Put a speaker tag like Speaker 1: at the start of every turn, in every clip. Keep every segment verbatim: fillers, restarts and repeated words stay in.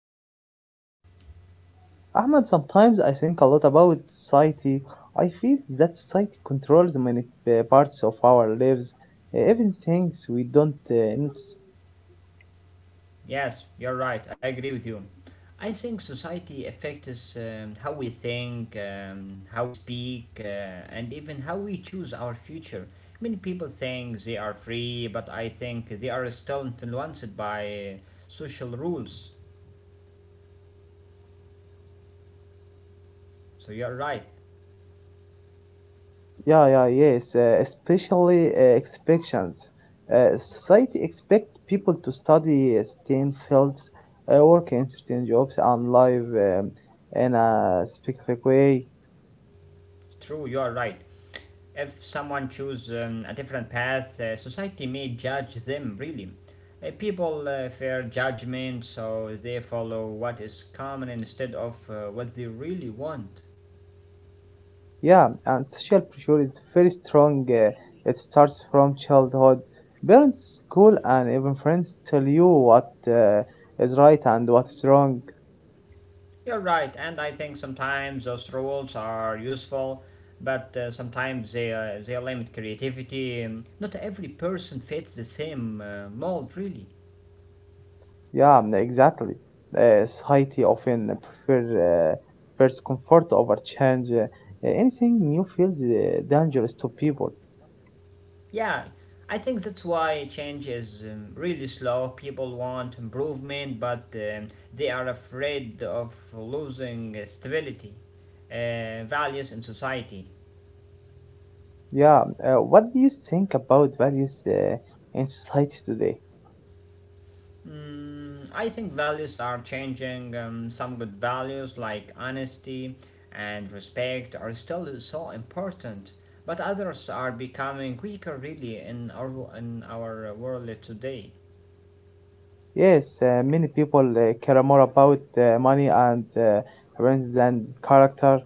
Speaker 1: I'm fine, thank you.
Speaker 2: Ahmad, sometimes I think a lot about society. I feel that society controls many uh, parts of our lives, uh, even things we don't uh, notice.
Speaker 1: Yes, you're right, I agree with you. I think society affects um, how we think, um, how we speak, uh, and even how we choose our future. Many people think they are free, but I think they are still influenced by uh, social rules. So you're right,
Speaker 2: Yeah, yeah, yes, uh, especially uh, expectations. Uh, society expects people to study uh, certain fields, uh, work in certain jobs, and live um, in a specific way.
Speaker 1: true, you're right. If someone choose um, a different path, uh, society may judge them really. Uh, people uh, fear judgment, so they follow what is common instead of uh, what they really want.
Speaker 2: Yeah, and social pressure is very strong. Uh, it starts from childhood. Parents, school, and even friends tell you what uh, is right and what is wrong.
Speaker 1: You're right, and I think sometimes those rules are useful, but uh, sometimes they, uh, they limit creativity. Um, Not every person fits the same uh, mold, really.
Speaker 2: Yeah, n- exactly. Uh, society often prefer, uh, prefers comfort over change. Uh, anything new feels uh, dangerous to people.
Speaker 1: Yeah, I think that's why change is um, really slow. People want improvement, but um, they are afraid of losing stability, uh, values in society.
Speaker 2: Yeah, uh, what do you think about values uh, in society today?
Speaker 1: Mm, I think values are changing. Um, some good values like honesty and respect are still so important, but others are becoming weaker, really, in our in our world today.
Speaker 2: Yes, uh, many people uh, care more about uh, money and uh, range than character.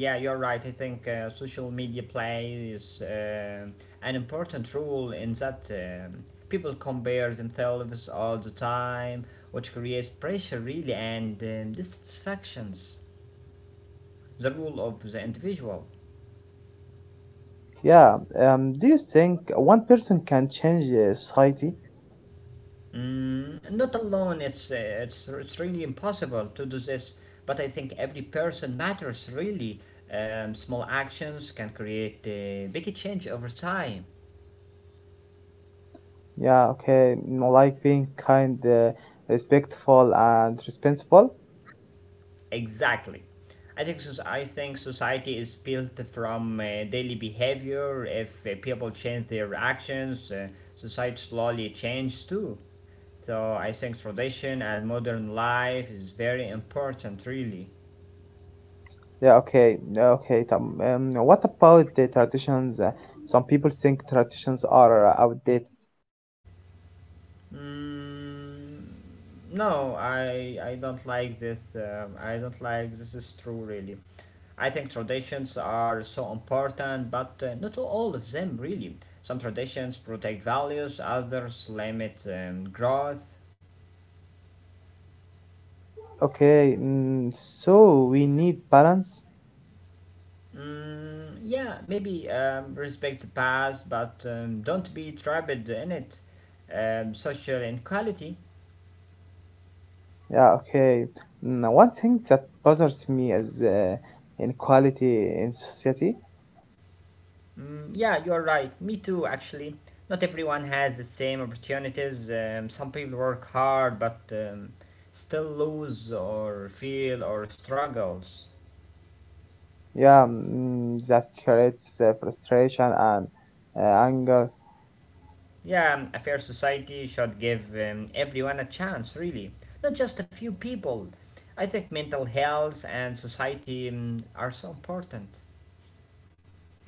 Speaker 1: Yeah, you're right. I think uh, social media plays uh, an important role in that um people compare themselves all the time, which creates pressure, really, and um, dissatisfactions. The role of the individual.
Speaker 2: Yeah, um, do you think one person can change uh, society?
Speaker 1: Mm, not alone. It's uh, it's it's really impossible to do this. But I think every person matters really. Um, small actions can create a big change over time.
Speaker 2: Yeah, okay, you know, like being kind, uh, respectful, and responsible.
Speaker 1: Exactly. I think so. I think society is built from uh, daily behavior. If uh, people change their actions, uh, society slowly changes too. So I think tradition and modern life is very important, really.
Speaker 2: Yeah, okay, okay. Um, um, What about the traditions? Uh, some people think traditions are outdated.
Speaker 1: Mm, no, I I don't like this. Um, I don't like this is true really. I think traditions are so important, but uh, not all of them really. Some traditions protect values, others limit um, growth.
Speaker 2: Okay, mm, so we need balance.
Speaker 1: Mm, yeah, maybe um, respect the past, but um, don't be trapped in it. Um, social inequality.
Speaker 2: Yeah, okay. Now, one thing that bothers me is uh, inequality in society.
Speaker 1: Mm, yeah, you're right. Me too, actually. Not everyone has the same opportunities. Um, some people work hard but um, still lose or feel or struggles.
Speaker 2: Yeah, mm, that creates uh, frustration and uh, anger.
Speaker 1: Yeah, um, a fair society should give um, everyone a chance, really. Not just a few people. I think mental health and society um, are so important.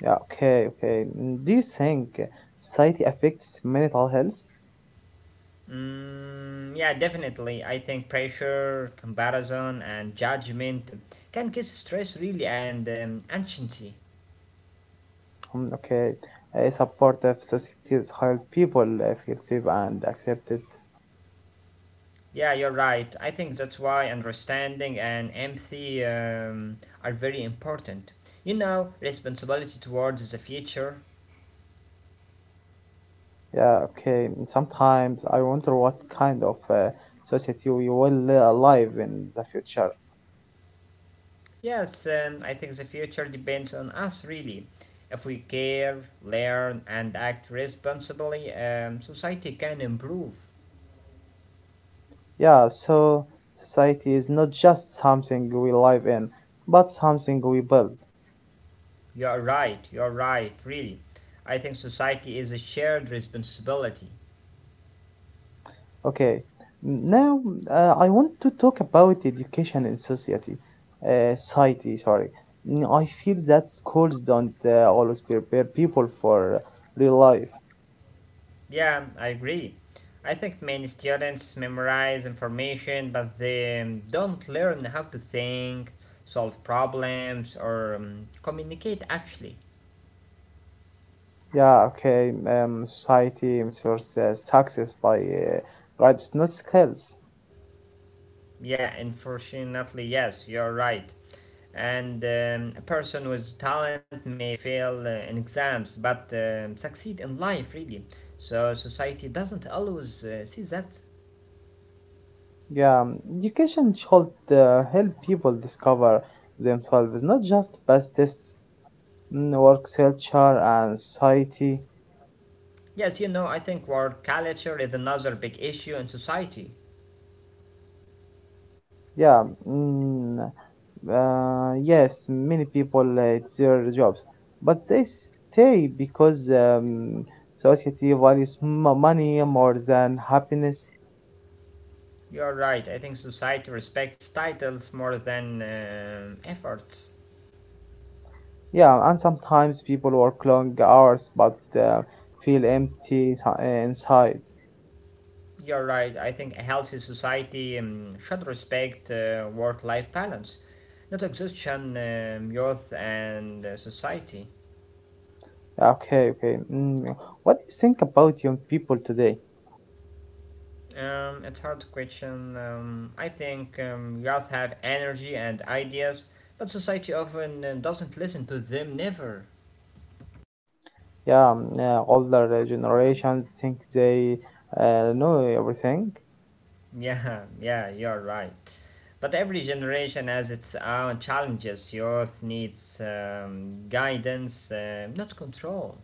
Speaker 2: Yeah, okay, okay. Mm, do you think society affects mental health?
Speaker 1: Mm, yeah, definitely. I think pressure, comparison, and judgment can cause stress, really, and um, anxiety.
Speaker 2: Mm, okay, a supportive societies help people uh, feel safe and accepted.
Speaker 1: Yeah, you're right. I think that's why understanding and empathy um, are very important. You know, responsibility towards the future.
Speaker 2: Yeah, okay. Mm, sometimes I wonder what kind of uh, society we will live alive in the future.
Speaker 1: Yes, um, I think the future depends on us really. If we care, learn, and act responsibly, um, society can improve.
Speaker 2: Yeah, so society is not just something we live in, but something we build.
Speaker 1: You're right, you're right, really. I think society is a shared responsibility.
Speaker 2: Okay, now uh, I want to talk about education in society. Uh, society, sorry. Mm, I feel that schools don't uh, always prepare people for real life.
Speaker 1: Yeah, I agree. I think many students memorize information, but they don't learn how to think, solve problems, or um, communicate actually.
Speaker 2: Yeah, okay, um, society measures uh, success by uh, grades, not skills.
Speaker 1: Yeah, unfortunately, yes, you're right. And um, a person with talent may fail uh, in exams, but um succeed in life, really. So society doesn't always uh, see that.
Speaker 2: Yeah, um, education should uh, help people discover themselves, not just pass tests. Mm, work culture and society.
Speaker 1: Yes, you know, I think word culture is another big issue in society.
Speaker 2: Yeah, mm, uh, yes, many people hate their jobs, but they stay because um, society values m- money more than happiness.
Speaker 1: You're right. I think society respects titles more than um efforts.
Speaker 2: Yeah, and sometimes people work long hours but uh, feel empty insi- inside.
Speaker 1: You're right. I think a healthy society um, should respect uh, work life balance, not exhaustion, um, youth, and uh, society.
Speaker 2: Okay, okay. Mm. What do you think about young people today?
Speaker 1: Um, it's hard question. Um, I think um, youth have energy and ideas, but society often um, doesn't listen to them, never.
Speaker 2: Yeah, mm, uh, older generations think they uh, know everything.
Speaker 1: Yeah, yeah, you're right. But every generation has its own challenges. Youth needs um, guidance, uh, not control.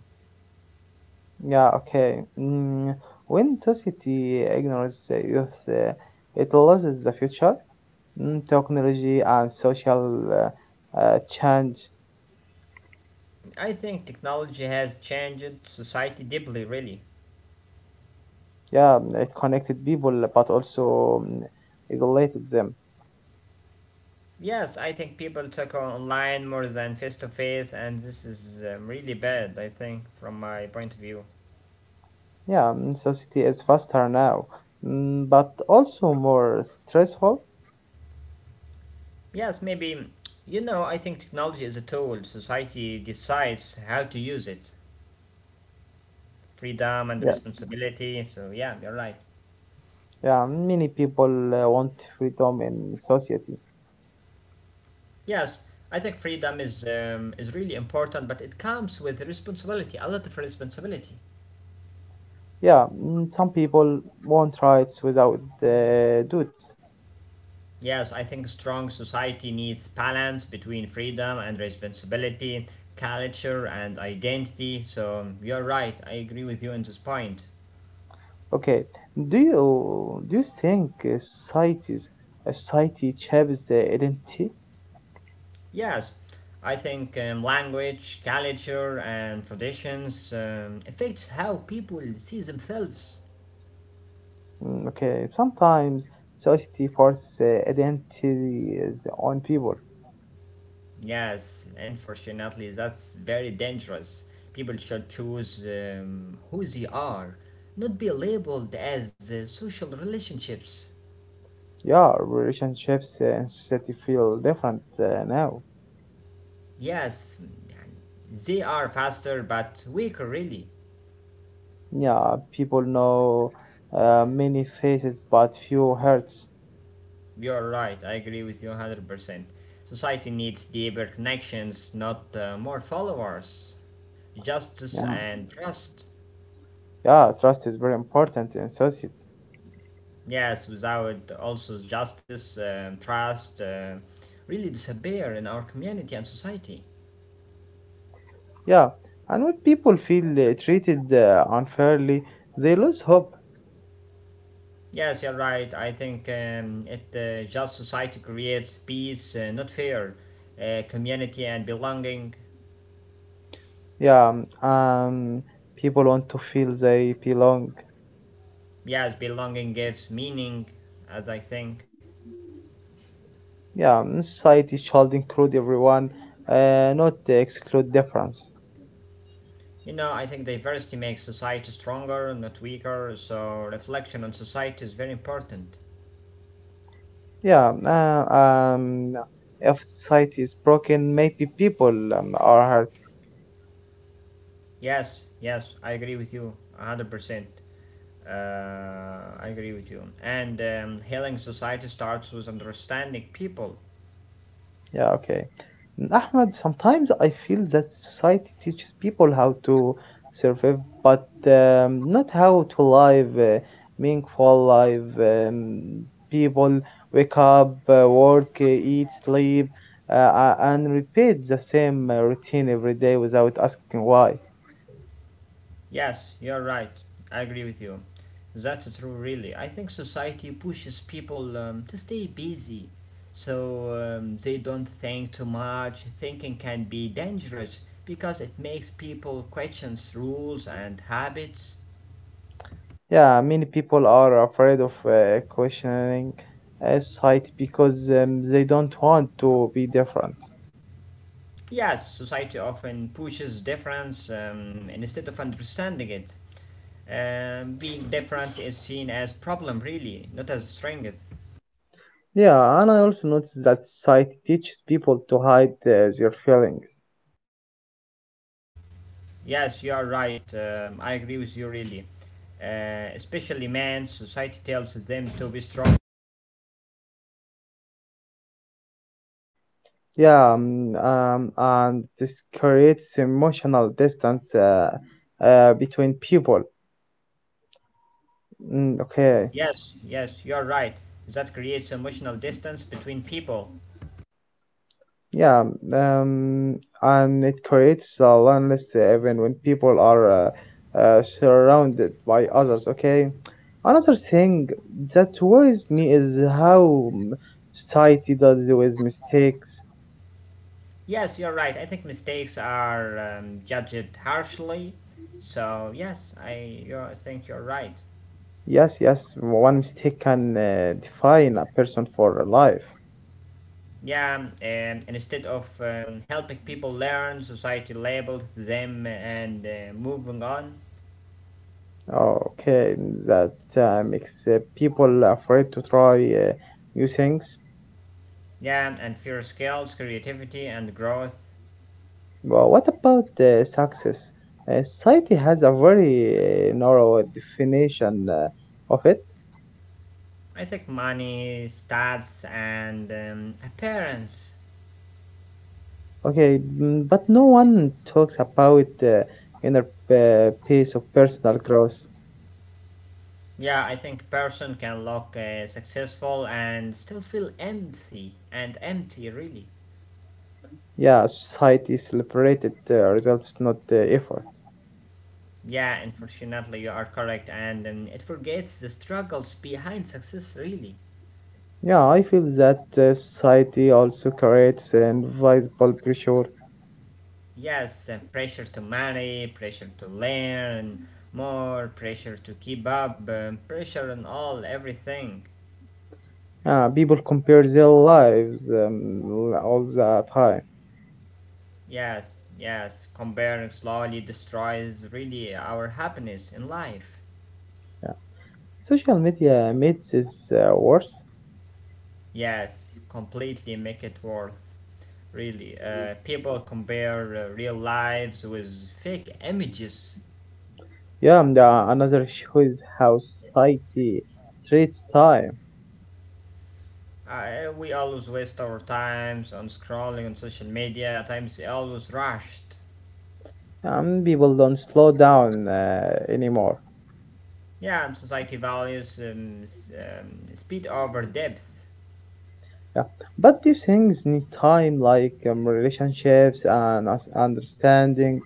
Speaker 2: Yeah, okay. Mm, when society ignores the youth, uh, it loses the future. Mm, technology and social uh, uh, change,
Speaker 1: I think technology has changed society deeply, really.
Speaker 2: yeah, mm, it connected people but also mm, isolated them.
Speaker 1: Yes, I think people talk online more than face to face, and this is um, really bad, I think, from my point of view.
Speaker 2: Yeah, mm, society is faster now, mm, but also more stressful.
Speaker 1: Yes, maybe, you know, I think technology is a tool. Society decides how to use it. Freedom
Speaker 2: Yeah,
Speaker 1: and responsibility. So, yeah, you're right.
Speaker 2: yeah, many people uh, want freedom in society.
Speaker 1: Yes, I think freedom is um, is really important, but it comes with responsibility, a lot of responsibility.
Speaker 2: Yeah, mm, some people want rights without uh, duties.
Speaker 1: Yes, I think strong society needs balance between freedom and responsibility, culture and identity. So um, you're right. I agree with you on this point.
Speaker 2: Okay. Do you do you think uh, societies uh, society shapes the identity?
Speaker 1: Yes, I think um, language, culture, and traditions um, affects how people see themselves.
Speaker 2: Mm, okay. Sometimes society forces the identity is on people.
Speaker 1: Yes, unfortunately, that's very dangerous. People should choose um, who they are, not be labeled as uh, social relationships.
Speaker 2: Yeah, relationships and society feel different uh, now.
Speaker 1: Yes, they are faster but weaker, really.
Speaker 2: Yeah, people know uh, many faces but few hearts.
Speaker 1: You're right, I agree with you one hundred percent. Society needs deeper connections, not uh, more followers. Justice
Speaker 2: Yeah.
Speaker 1: and trust.
Speaker 2: Yeah, trust is very important in society.
Speaker 1: Yes, without also justice, um, trust uh, really disappear in our community and society.
Speaker 2: Yeah, and when people feel uh, treated uh, unfairly, they lose hope.
Speaker 1: Yes, you're right. I think um, it uh, just society creates peace, uh, not fear, uh, community and belonging.
Speaker 2: Yeah, um, people want to feel they belong.
Speaker 1: Yes, belonging gives meaning, as I think.
Speaker 2: Yeah, um, society should include everyone, uh, not exclude difference.
Speaker 1: You know, I think diversity makes society stronger, not weaker. So reflection on society is very important.
Speaker 2: Yeah, uh, um, if society is broken, maybe people um, are hurt.
Speaker 1: Yes, yes, I agree with you, a hundred percent. Uh, I agree with you. And um, healing society starts with understanding people.
Speaker 2: Yeah, okay. Mm, Ahmed, sometimes I feel that society teaches people how to survive, but um, not how to live a meaningful life. Um, people wake up, uh, work, uh, eat, sleep, uh, a- and repeat the same uh, routine every day without asking why.
Speaker 1: Yes, you're right. I agree with you. That's true, really. I think society pushes people um, to stay busy so um, they don't think too much. Thinking can be dangerous because it makes people question rules and habits.
Speaker 2: Yeah, many people are afraid of uh, questioning uh, society because um, they don't want to be different.
Speaker 1: Yes, society often pushes difference um, instead of understanding it. Um, being different is seen as problem, really, not as strength.
Speaker 2: Yeah, and I also noticed that society teaches people to hide uh, their feelings.
Speaker 1: Yes, you are right. Um, I agree with you really. Uh, especially men, society tells them to be strong.
Speaker 2: Yeah, mm, um, and this creates emotional distance uh, uh, between people. Mm, okay,
Speaker 1: Yes, yes, you are right. That creates emotional distance between people.
Speaker 2: yeah, um, and it creates a loneliness even when people are uh, uh, surrounded by others. Okay, another thing that worries me is how mm, society does with mistakes.
Speaker 1: Yes, you're right. I think mistakes are um, judged harshly. So yes, I you I think you're right.
Speaker 2: Yes, yes, one mistake can uh, define a person for life.
Speaker 1: Yeah, um, and instead of um, helping people learn, society labeled them and uh, moving on.
Speaker 2: Okay, that uh, makes uh, people afraid to try uh, new things.
Speaker 1: Yeah, and fear skills, creativity, and growth.
Speaker 2: But what about uh, success? Uh, society has a very uh, narrow definition uh, of it.
Speaker 1: I think money, stats, and um, appearance.
Speaker 2: Okay, mm, but no one talks about uh, inner uh, piece of personal growth.
Speaker 1: Yeah, I think person can look uh, successful and still feel empty and empty, really.
Speaker 2: Yeah, society celebrated uh, results, not uh, effort.
Speaker 1: Yeah, unfortunately, you are correct, and um, it forgets the struggles behind success, really.
Speaker 2: Yeah, I feel that uh, society also creates an invisible pressure.
Speaker 1: Yes, uh, pressure to marry, pressure to learn more, pressure to keep up, um, pressure on all everything.
Speaker 2: Yeah, people compare their lives um, l- all the time.
Speaker 1: Yes, yes, comparing slowly destroys really our happiness in life.
Speaker 2: Yeah. Social media makes it uh, worse.
Speaker 1: Yes, completely make it worth, really. Uh, people compare uh, real lives with fake images.
Speaker 2: Yeah, and, uh, another issue is how society treats time.
Speaker 1: Uh, we always waste our times on scrolling on social media, times always rushed.
Speaker 2: Um, people don't slow down uh, anymore.
Speaker 1: Yeah, and society values um, s- um, speed over depth.
Speaker 2: Yeah, but these things need time, like um, relationships and us- understanding.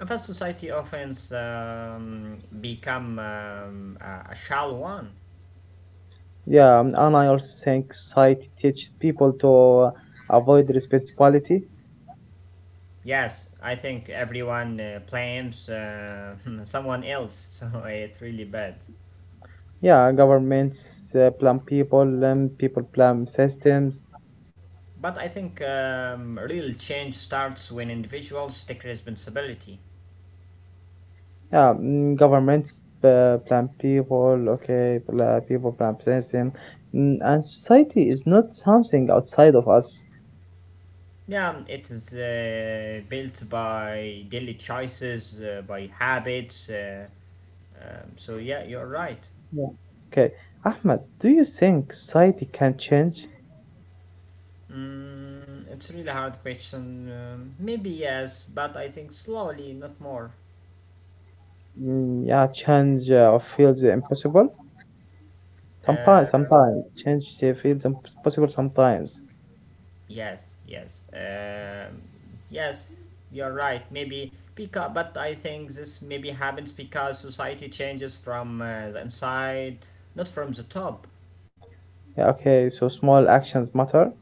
Speaker 1: A fast society often um, become um, a a shallow one.
Speaker 2: Yeah, and I also think society teaches people to uh, avoid responsibility.
Speaker 1: Yes, I think everyone uh, blames uh, someone else, so it's really bad.
Speaker 2: Yeah, governments uh, plan people, um, people plan systems.
Speaker 1: But I think um, real change starts when individuals take responsibility.
Speaker 2: Yeah, mm, governments uh, plan people, okay, pla- people plan system. Mm, and society is not something outside of us.
Speaker 1: Yeah, it is uh, built by daily choices, uh, by habits. Uh, um, so yeah, you're right.
Speaker 2: Yeah. Okay, Ahmed, do you think society can change?
Speaker 1: Mm, it's really hard question. Um, maybe yes, but I think slowly, not more.
Speaker 2: Mm, yeah, change uh, feels impossible. Sometimes,
Speaker 1: Um,
Speaker 2: sometimes change uh, feels impossible. Sometimes.
Speaker 1: Yes, yes, um, yes. You're right. Maybe because, but I think this maybe happens because society changes from uh, the inside, not from the top.
Speaker 2: Yeah, okay, so small actions matter.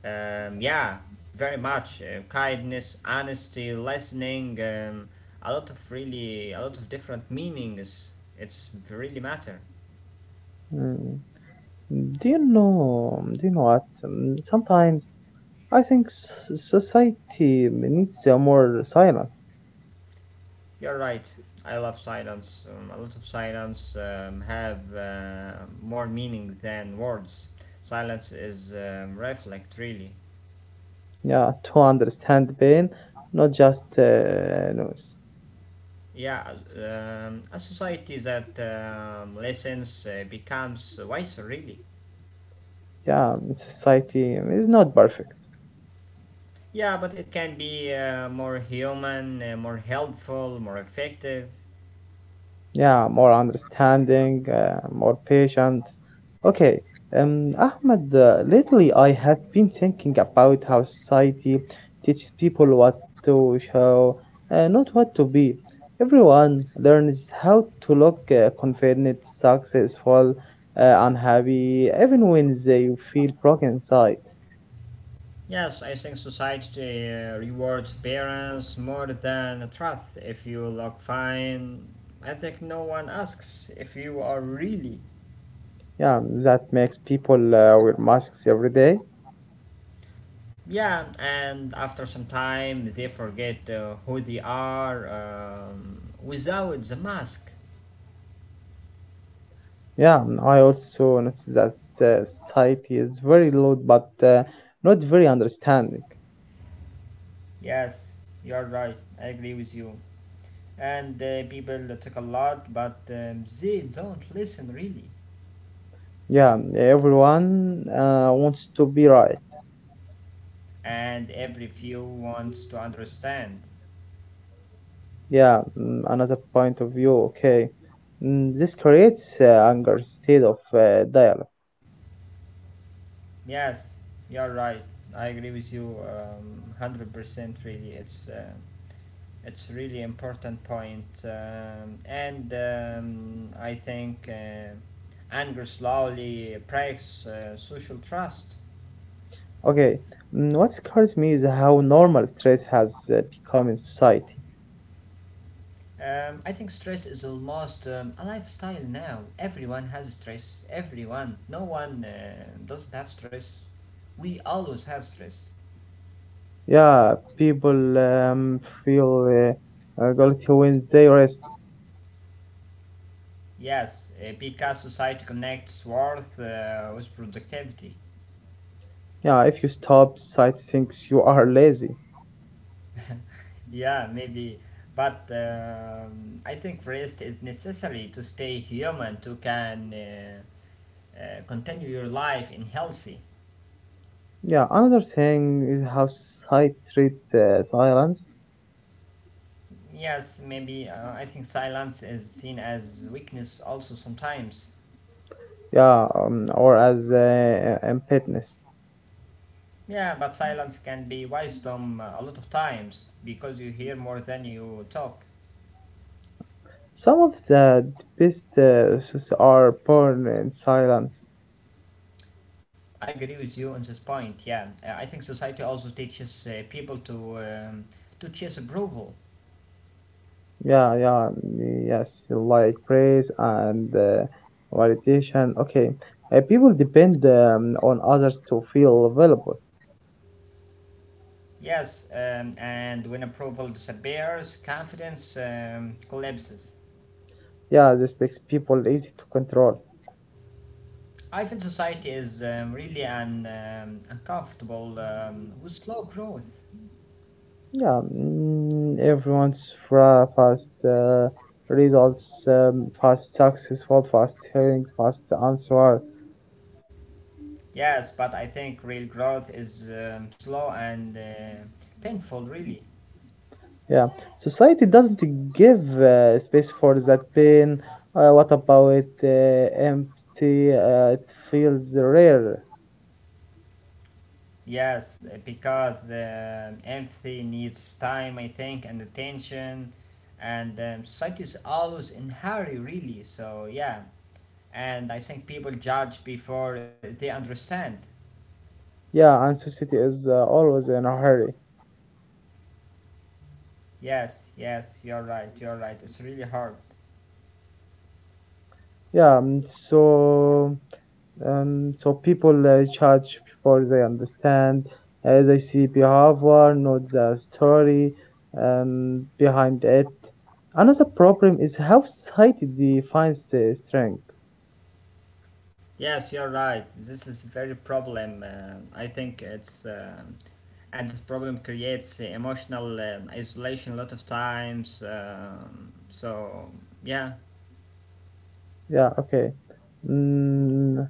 Speaker 1: Um, yeah, very much uh, kindness, honesty, listening. Um, a lot of really, a lot of different meanings. It's really matter.
Speaker 2: Mm. Mm, do you know? Do you know what? Um, Sometimes I think s- society needs uh, more silence.
Speaker 1: You're right. I love silence. Um, a lot of silence um, have uh, more meaning than words. Silence is um, reflect, really.
Speaker 2: Yeah, to understand pain, not just uh, noise.
Speaker 1: Yeah, um, a society that um, listens uh, becomes wiser, really.
Speaker 2: Yeah, society is not perfect.
Speaker 1: Yeah, but it can be uh, more human, uh, more helpful, more effective.
Speaker 2: Yeah, more understanding, uh, more patient. Okay, um, Ahmed, uh, lately I have been thinking about how society teaches people what to show, uh, not what to be. Everyone learns how to look uh, confident, successful, uh, unhappy, even when they feel broken inside.
Speaker 1: Yes, I think society uh, rewards parents more than truth. If you look fine, I think no one asks if you are really.
Speaker 2: Yeah, that makes people uh, wear masks every day.
Speaker 1: Yeah, and after some time, they forget uh, who they are um, without the mask.
Speaker 2: Yeah, I also noticed that uh, society is very loud but uh, not very understanding.
Speaker 1: Yes, you're right. I agree with you. And uh, people talk a lot, but um, they don't listen really.
Speaker 2: Yeah, everyone uh, wants to be right.
Speaker 1: And every few wants to understand.
Speaker 2: Yeah, mm, another point of view, okay. Mm, this creates uh, anger instead of uh, dialogue.
Speaker 1: Yes, you're right. I agree with you um, one hundred percent really. It's uh, it's really important point. Um, and um, I think uh, anger slowly breaks uh, social trust.
Speaker 2: Okay, mm, what scares me is how normal stress has uh, become in society.
Speaker 1: Um, I think stress is almost um, a lifestyle now. Everyone has stress. Everyone. No one uh, doesn't have stress. We always have stress.
Speaker 2: Yeah, people um, feel uh, uh, guilty when they rest.
Speaker 1: Yes, uh, because society connects worth uh, with productivity.
Speaker 2: Yeah, if you stop, society thinks you are lazy.
Speaker 1: yeah, maybe. But um, I think rest is necessary to stay human, to can uh, uh, continue your life in healthy.
Speaker 2: Yeah, another thing is how society treats uh, silence,
Speaker 1: Yes, maybe uh, I think silence is seen as weakness also sometimes.
Speaker 2: yeah, um, or as uh, impotence.
Speaker 1: Yeah, but silence can be wisdom uh, a lot of times because you hear more than you talk.
Speaker 2: Some of the best uh, suits are born in silence.
Speaker 1: I agree with you on this point. Yeah, uh, I think society also teaches uh, people to um, to chase approval.
Speaker 2: Yeah, yeah, mm, yes, like praise and uh, validation. Okay, uh, people depend um, on others to feel valuable.
Speaker 1: Yes, um, and when approval disappears, confidence um, collapses.
Speaker 2: Yeah, this makes people easy to control.
Speaker 1: I feel society is um, really un, um, uncomfortable um, with slow growth.
Speaker 2: Yeah, mm, everyone's fra- fast uh, results, um, fast successful, fast hearings, fast answer.
Speaker 1: Yes, but I think real growth is um, slow and uh, painful, really.
Speaker 2: Yeah, society doesn't give uh, space for that pain. Uh, what about uh, empty? Uh, it feels rare.
Speaker 1: Yes, uh, because the um, empathy needs time, I think, and attention, and um, society is always in hurry, really. So yeah, and I think people judge before they understand.
Speaker 2: Yeah, and society is uh, always in a hurry.
Speaker 1: Yes, yes, you're right, you're right. It's really hard.
Speaker 2: Yeah, um, so um, so people uh, judge before they understand. Uh, they see behavior, not the story um, behind it. Another problem is how society defines the strength.
Speaker 1: Yes, you're right. This is very problem. Uh, I think it's um and this problem creates uh, emotional um, isolation a lot of times. Um, so yeah,
Speaker 2: Yeah, okay. Mm,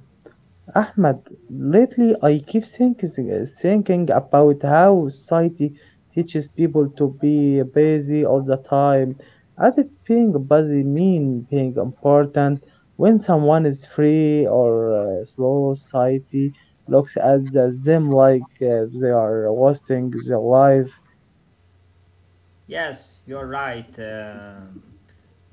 Speaker 2: Ahmed, lately I keep thinking, uh, thinking about how society teaches people to be busy all the time, as if being busy means being important. When someone is free or uh, slow, society looks at the- them like uh, they are wasting their life.
Speaker 1: yes, you're right. Um,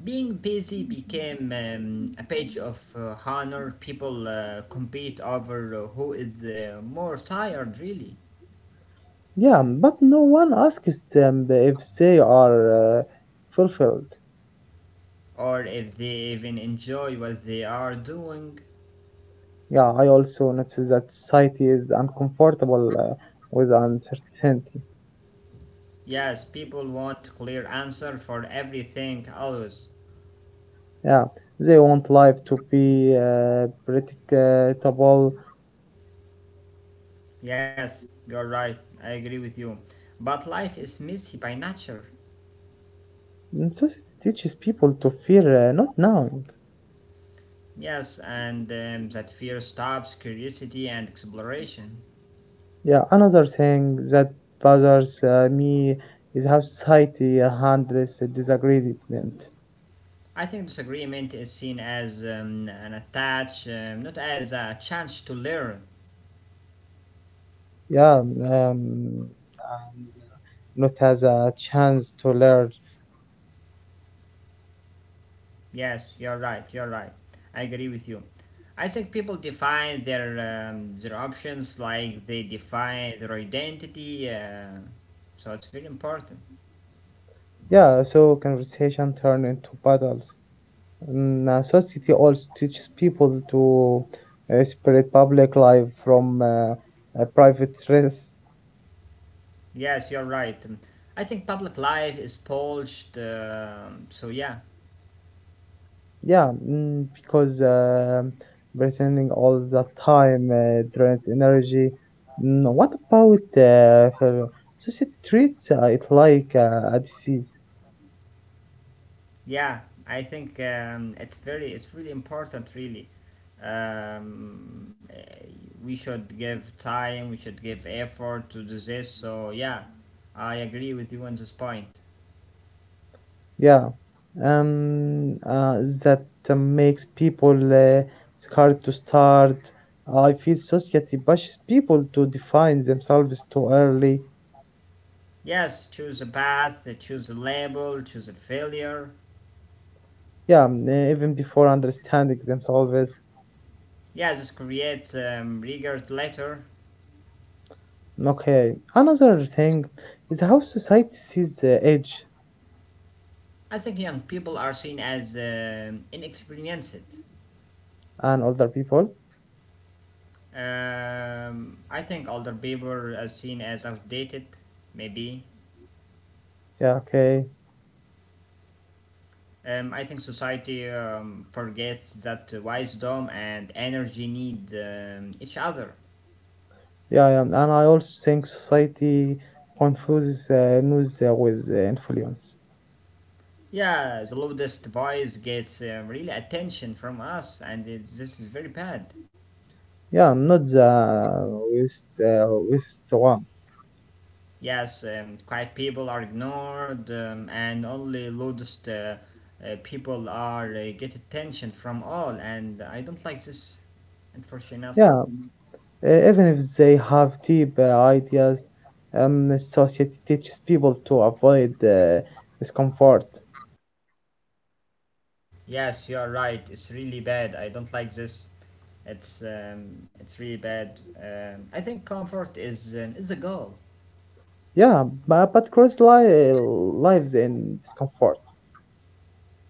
Speaker 1: Being busy became um, a page of uh, honor. People uh, compete over uh, who is uh, more tired, really,
Speaker 2: Yeah, but no one asks them if they are uh, fulfilled.
Speaker 1: or if they even enjoy what they are doing.
Speaker 2: Yeah, I also notice that society is uncomfortable uh, with uncertainty.
Speaker 1: Yes, people want clear answer for everything always.
Speaker 2: Yeah, they want life to be uh, predictable.
Speaker 1: Yes, you're right. I agree with you. But life is messy by nature.
Speaker 2: Mm, just teaches people to fear uh, not knowing.
Speaker 1: Yes, and um, that fear stops curiosity and exploration.
Speaker 2: Yeah, another thing that bothers uh, me is how society handles disagreement.
Speaker 1: I think disagreement is seen as um, an attach, um, not as a chance to learn.
Speaker 2: Yeah, um, and not as a chance to learn.
Speaker 1: Yes, you're right. You're right. I agree with you. I think people define their um, their options like they define their identity. Uh, so it's very important.
Speaker 2: Yeah, so conversation turn into battles. Mm, uh, society also teaches people to uh, separate public life from uh, uh, private life.
Speaker 1: Yes, you're right. Um, I think public life is polished. um so yeah,
Speaker 2: Yeah, mm, because um pretending all the time uh, drains energy. Mm, what about uh, fel- society treats uh, it like uh, a disease?
Speaker 1: yeah. I think um, it's very it's really important. Really, um, eh, we should give time. We should give effort to do this. So yeah, I agree with you on this point.
Speaker 2: Yeah, um, uh, that uh, makes people uh, scared to start. I feel society pushes people to define themselves too early.
Speaker 1: Yes, choose a path, uh, choose a label, choose a failure.
Speaker 2: Yeah, mm, eh, even before understanding themselves.
Speaker 1: Yeah, just create um, regret letter.
Speaker 2: Okay, another thing is how society sees the age
Speaker 1: I think young people are seen as um inexperienced.
Speaker 2: and older people.
Speaker 1: Um, I think older people are seen as outdated, maybe.
Speaker 2: Yeah, okay.
Speaker 1: Um, I think society um, forgets that wisdom and energy need um, each other.
Speaker 2: Yeah, yeah, and I also think society confuses uh, news uh, with uh, influence.
Speaker 1: Yeah, the loudest voice gets um, really attention from us, and it, this is very bad.
Speaker 2: Yeah, not the with uh, with the one.
Speaker 1: Yes, um, quiet people are ignored, um, and only loudest uh, uh, people are uh, get attention from all, and I don't like this, unfortunately.
Speaker 2: Yeah, eh, even if they have deep uh, ideas, um, society teaches people to avoid uh, discomfort.
Speaker 1: Yes, you are right. It's really bad. I don't like this. It's um, it's really bad. Um, I think comfort is um, is a goal.
Speaker 2: Yeah, but, but cross li- lives in discomfort.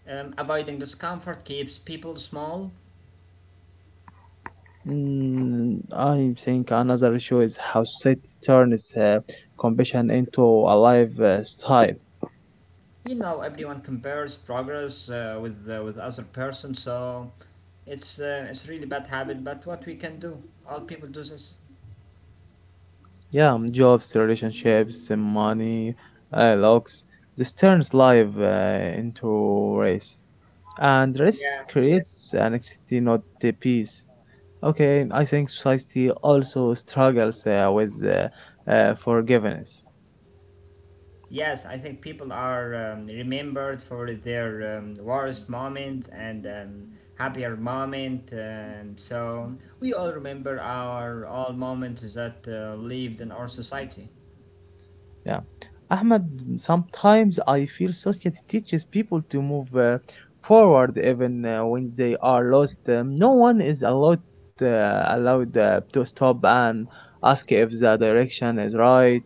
Speaker 1: Um, avoiding discomfort keeps people small.
Speaker 2: Mm, I think another issue is how society turns uh, compassion into a lifestyle.
Speaker 1: You know, everyone compares progress uh, with uh, with other person, so It's uh, it's really bad habit, but what we can do? All people do this.
Speaker 2: Yeah, um, jobs, relationships, uh, money, uh, looks. This turns life uh, into race, and race
Speaker 1: Yeah.
Speaker 2: creates
Speaker 1: Yes.
Speaker 2: anxiety, not the peace. Okay, I think society also struggles uh, with uh, uh, forgiveness.
Speaker 1: Yes, I think people are um, remembered for their um, worst moment and um, happier moment. Um, so we all remember our all moments that uh, lived in our society.
Speaker 2: Yeah. Ahmed, sometimes I feel society teaches people to move uh, forward even uh, when they are lost. Um, no one is allowed, uh, allowed uh, to stop and ask if the direction is right.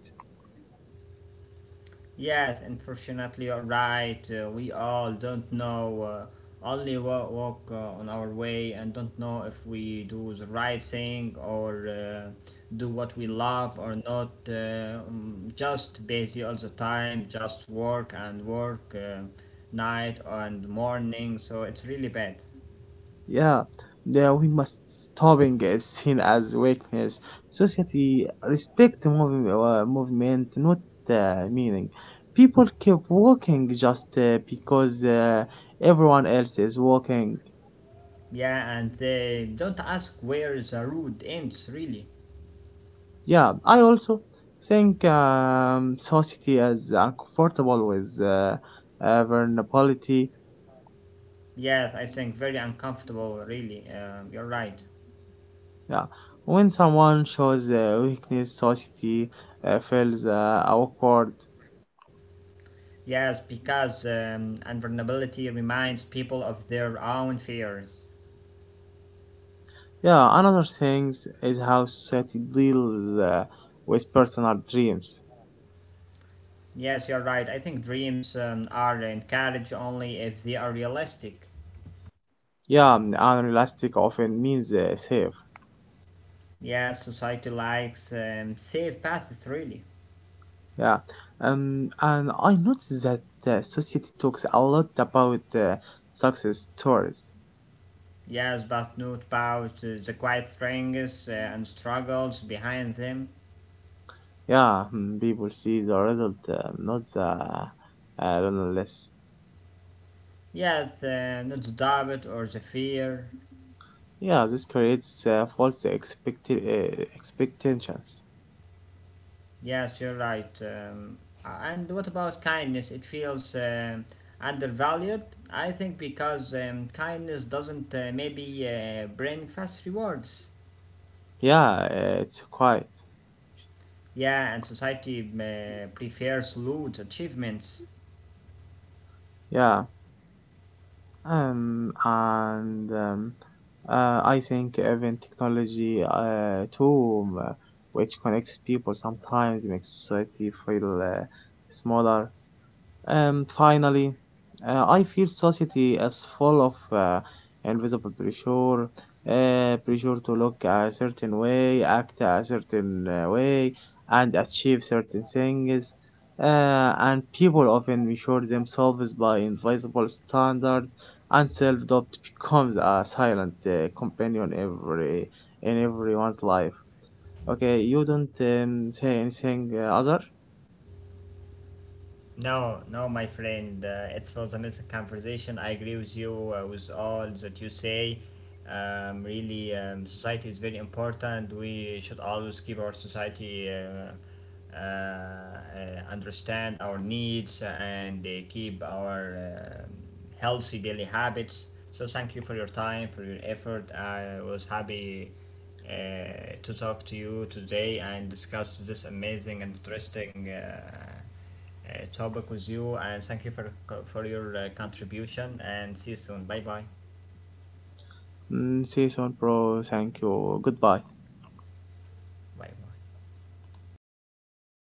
Speaker 1: Yes, unfortunately, you're right. Uh, we all don't know. Uh, only wa- walk uh, on our way and don't know if we do the right thing or uh, do what we love or not. Uh, um, just busy all the time, just work and work, uh, night and morning. So it's really bad.
Speaker 2: Yeah, yeah, we must stopping is seen as weakness. Society respect mov- uh, movement, not uh, meaning. People keep walking just uh, because uh, everyone else is walking.
Speaker 1: Yeah, and they don't ask where the road ends, really.
Speaker 2: Yeah, I also think um, society is uncomfortable with uh, uh, vulnerability.
Speaker 1: Yes, I think very uncomfortable, really. Um you're right.
Speaker 2: Yeah, when someone shows uh, weakness, society uh, feels uh, awkward.
Speaker 1: Yes, because um, vulnerability reminds people of their own fears.
Speaker 2: Yeah, another thing is how society deals uh, with personal dreams.
Speaker 1: Yes, you're right. I think dreams um, are encouraged only if they are realistic.
Speaker 2: Yeah, um, unrealistic often means uh, safe.
Speaker 1: Yes, society likes um, safe paths, really.
Speaker 2: Yeah, um, and I noticed that uh, society talks a lot about uh, success stories.
Speaker 1: Yes, but not about uh, the quiet strengths uh, and struggles behind them.
Speaker 2: Yeah, mm, people see the result, uh, not the uh, nonetheless.
Speaker 1: Yes, uh, not the doubt or the fear.
Speaker 2: Yeah, this creates uh, false expect- uh, expectations.
Speaker 1: Yes, you're right. Um, and what about kindness? It feels um undervalued, I think, because um, kindness doesn't uh, maybe uh, bring fast rewards.
Speaker 2: Yeah, uh, it's quite.
Speaker 1: Yeah, and society uh, prefers loot achievements.
Speaker 2: Yeah, um, and um, uh, I think even technology uh, too, um, uh, which connects people, sometimes makes society feel uh, smaller. And finally, uh, I feel society is full of uh, invisible pressure, uh, pressure to look a certain way, act a certain uh, way, and achieve certain things. Uh, and people often measure themselves by invisible standards, and self-doubt becomes a silent uh, companion every in everyone's life. Okay, you don't um, say anything uh, other.
Speaker 1: No, no, my friend. Uh, it was a nice conversation. I agree with you uh, with all that you say. Um, really, um, society is very important. We should always keep our society uh, uh, uh, understand our needs and uh, keep our um healthy daily habits. So thank you for your time, for your effort. I was happy uh, to talk to you today and discuss this amazing and interesting. Uh, uh, topic with you, and thank you for for your uh, contribution. And see you soon. Bye bye.
Speaker 2: Mm, see you soon, bro. Thank you. Goodbye.
Speaker 1: Bye bye.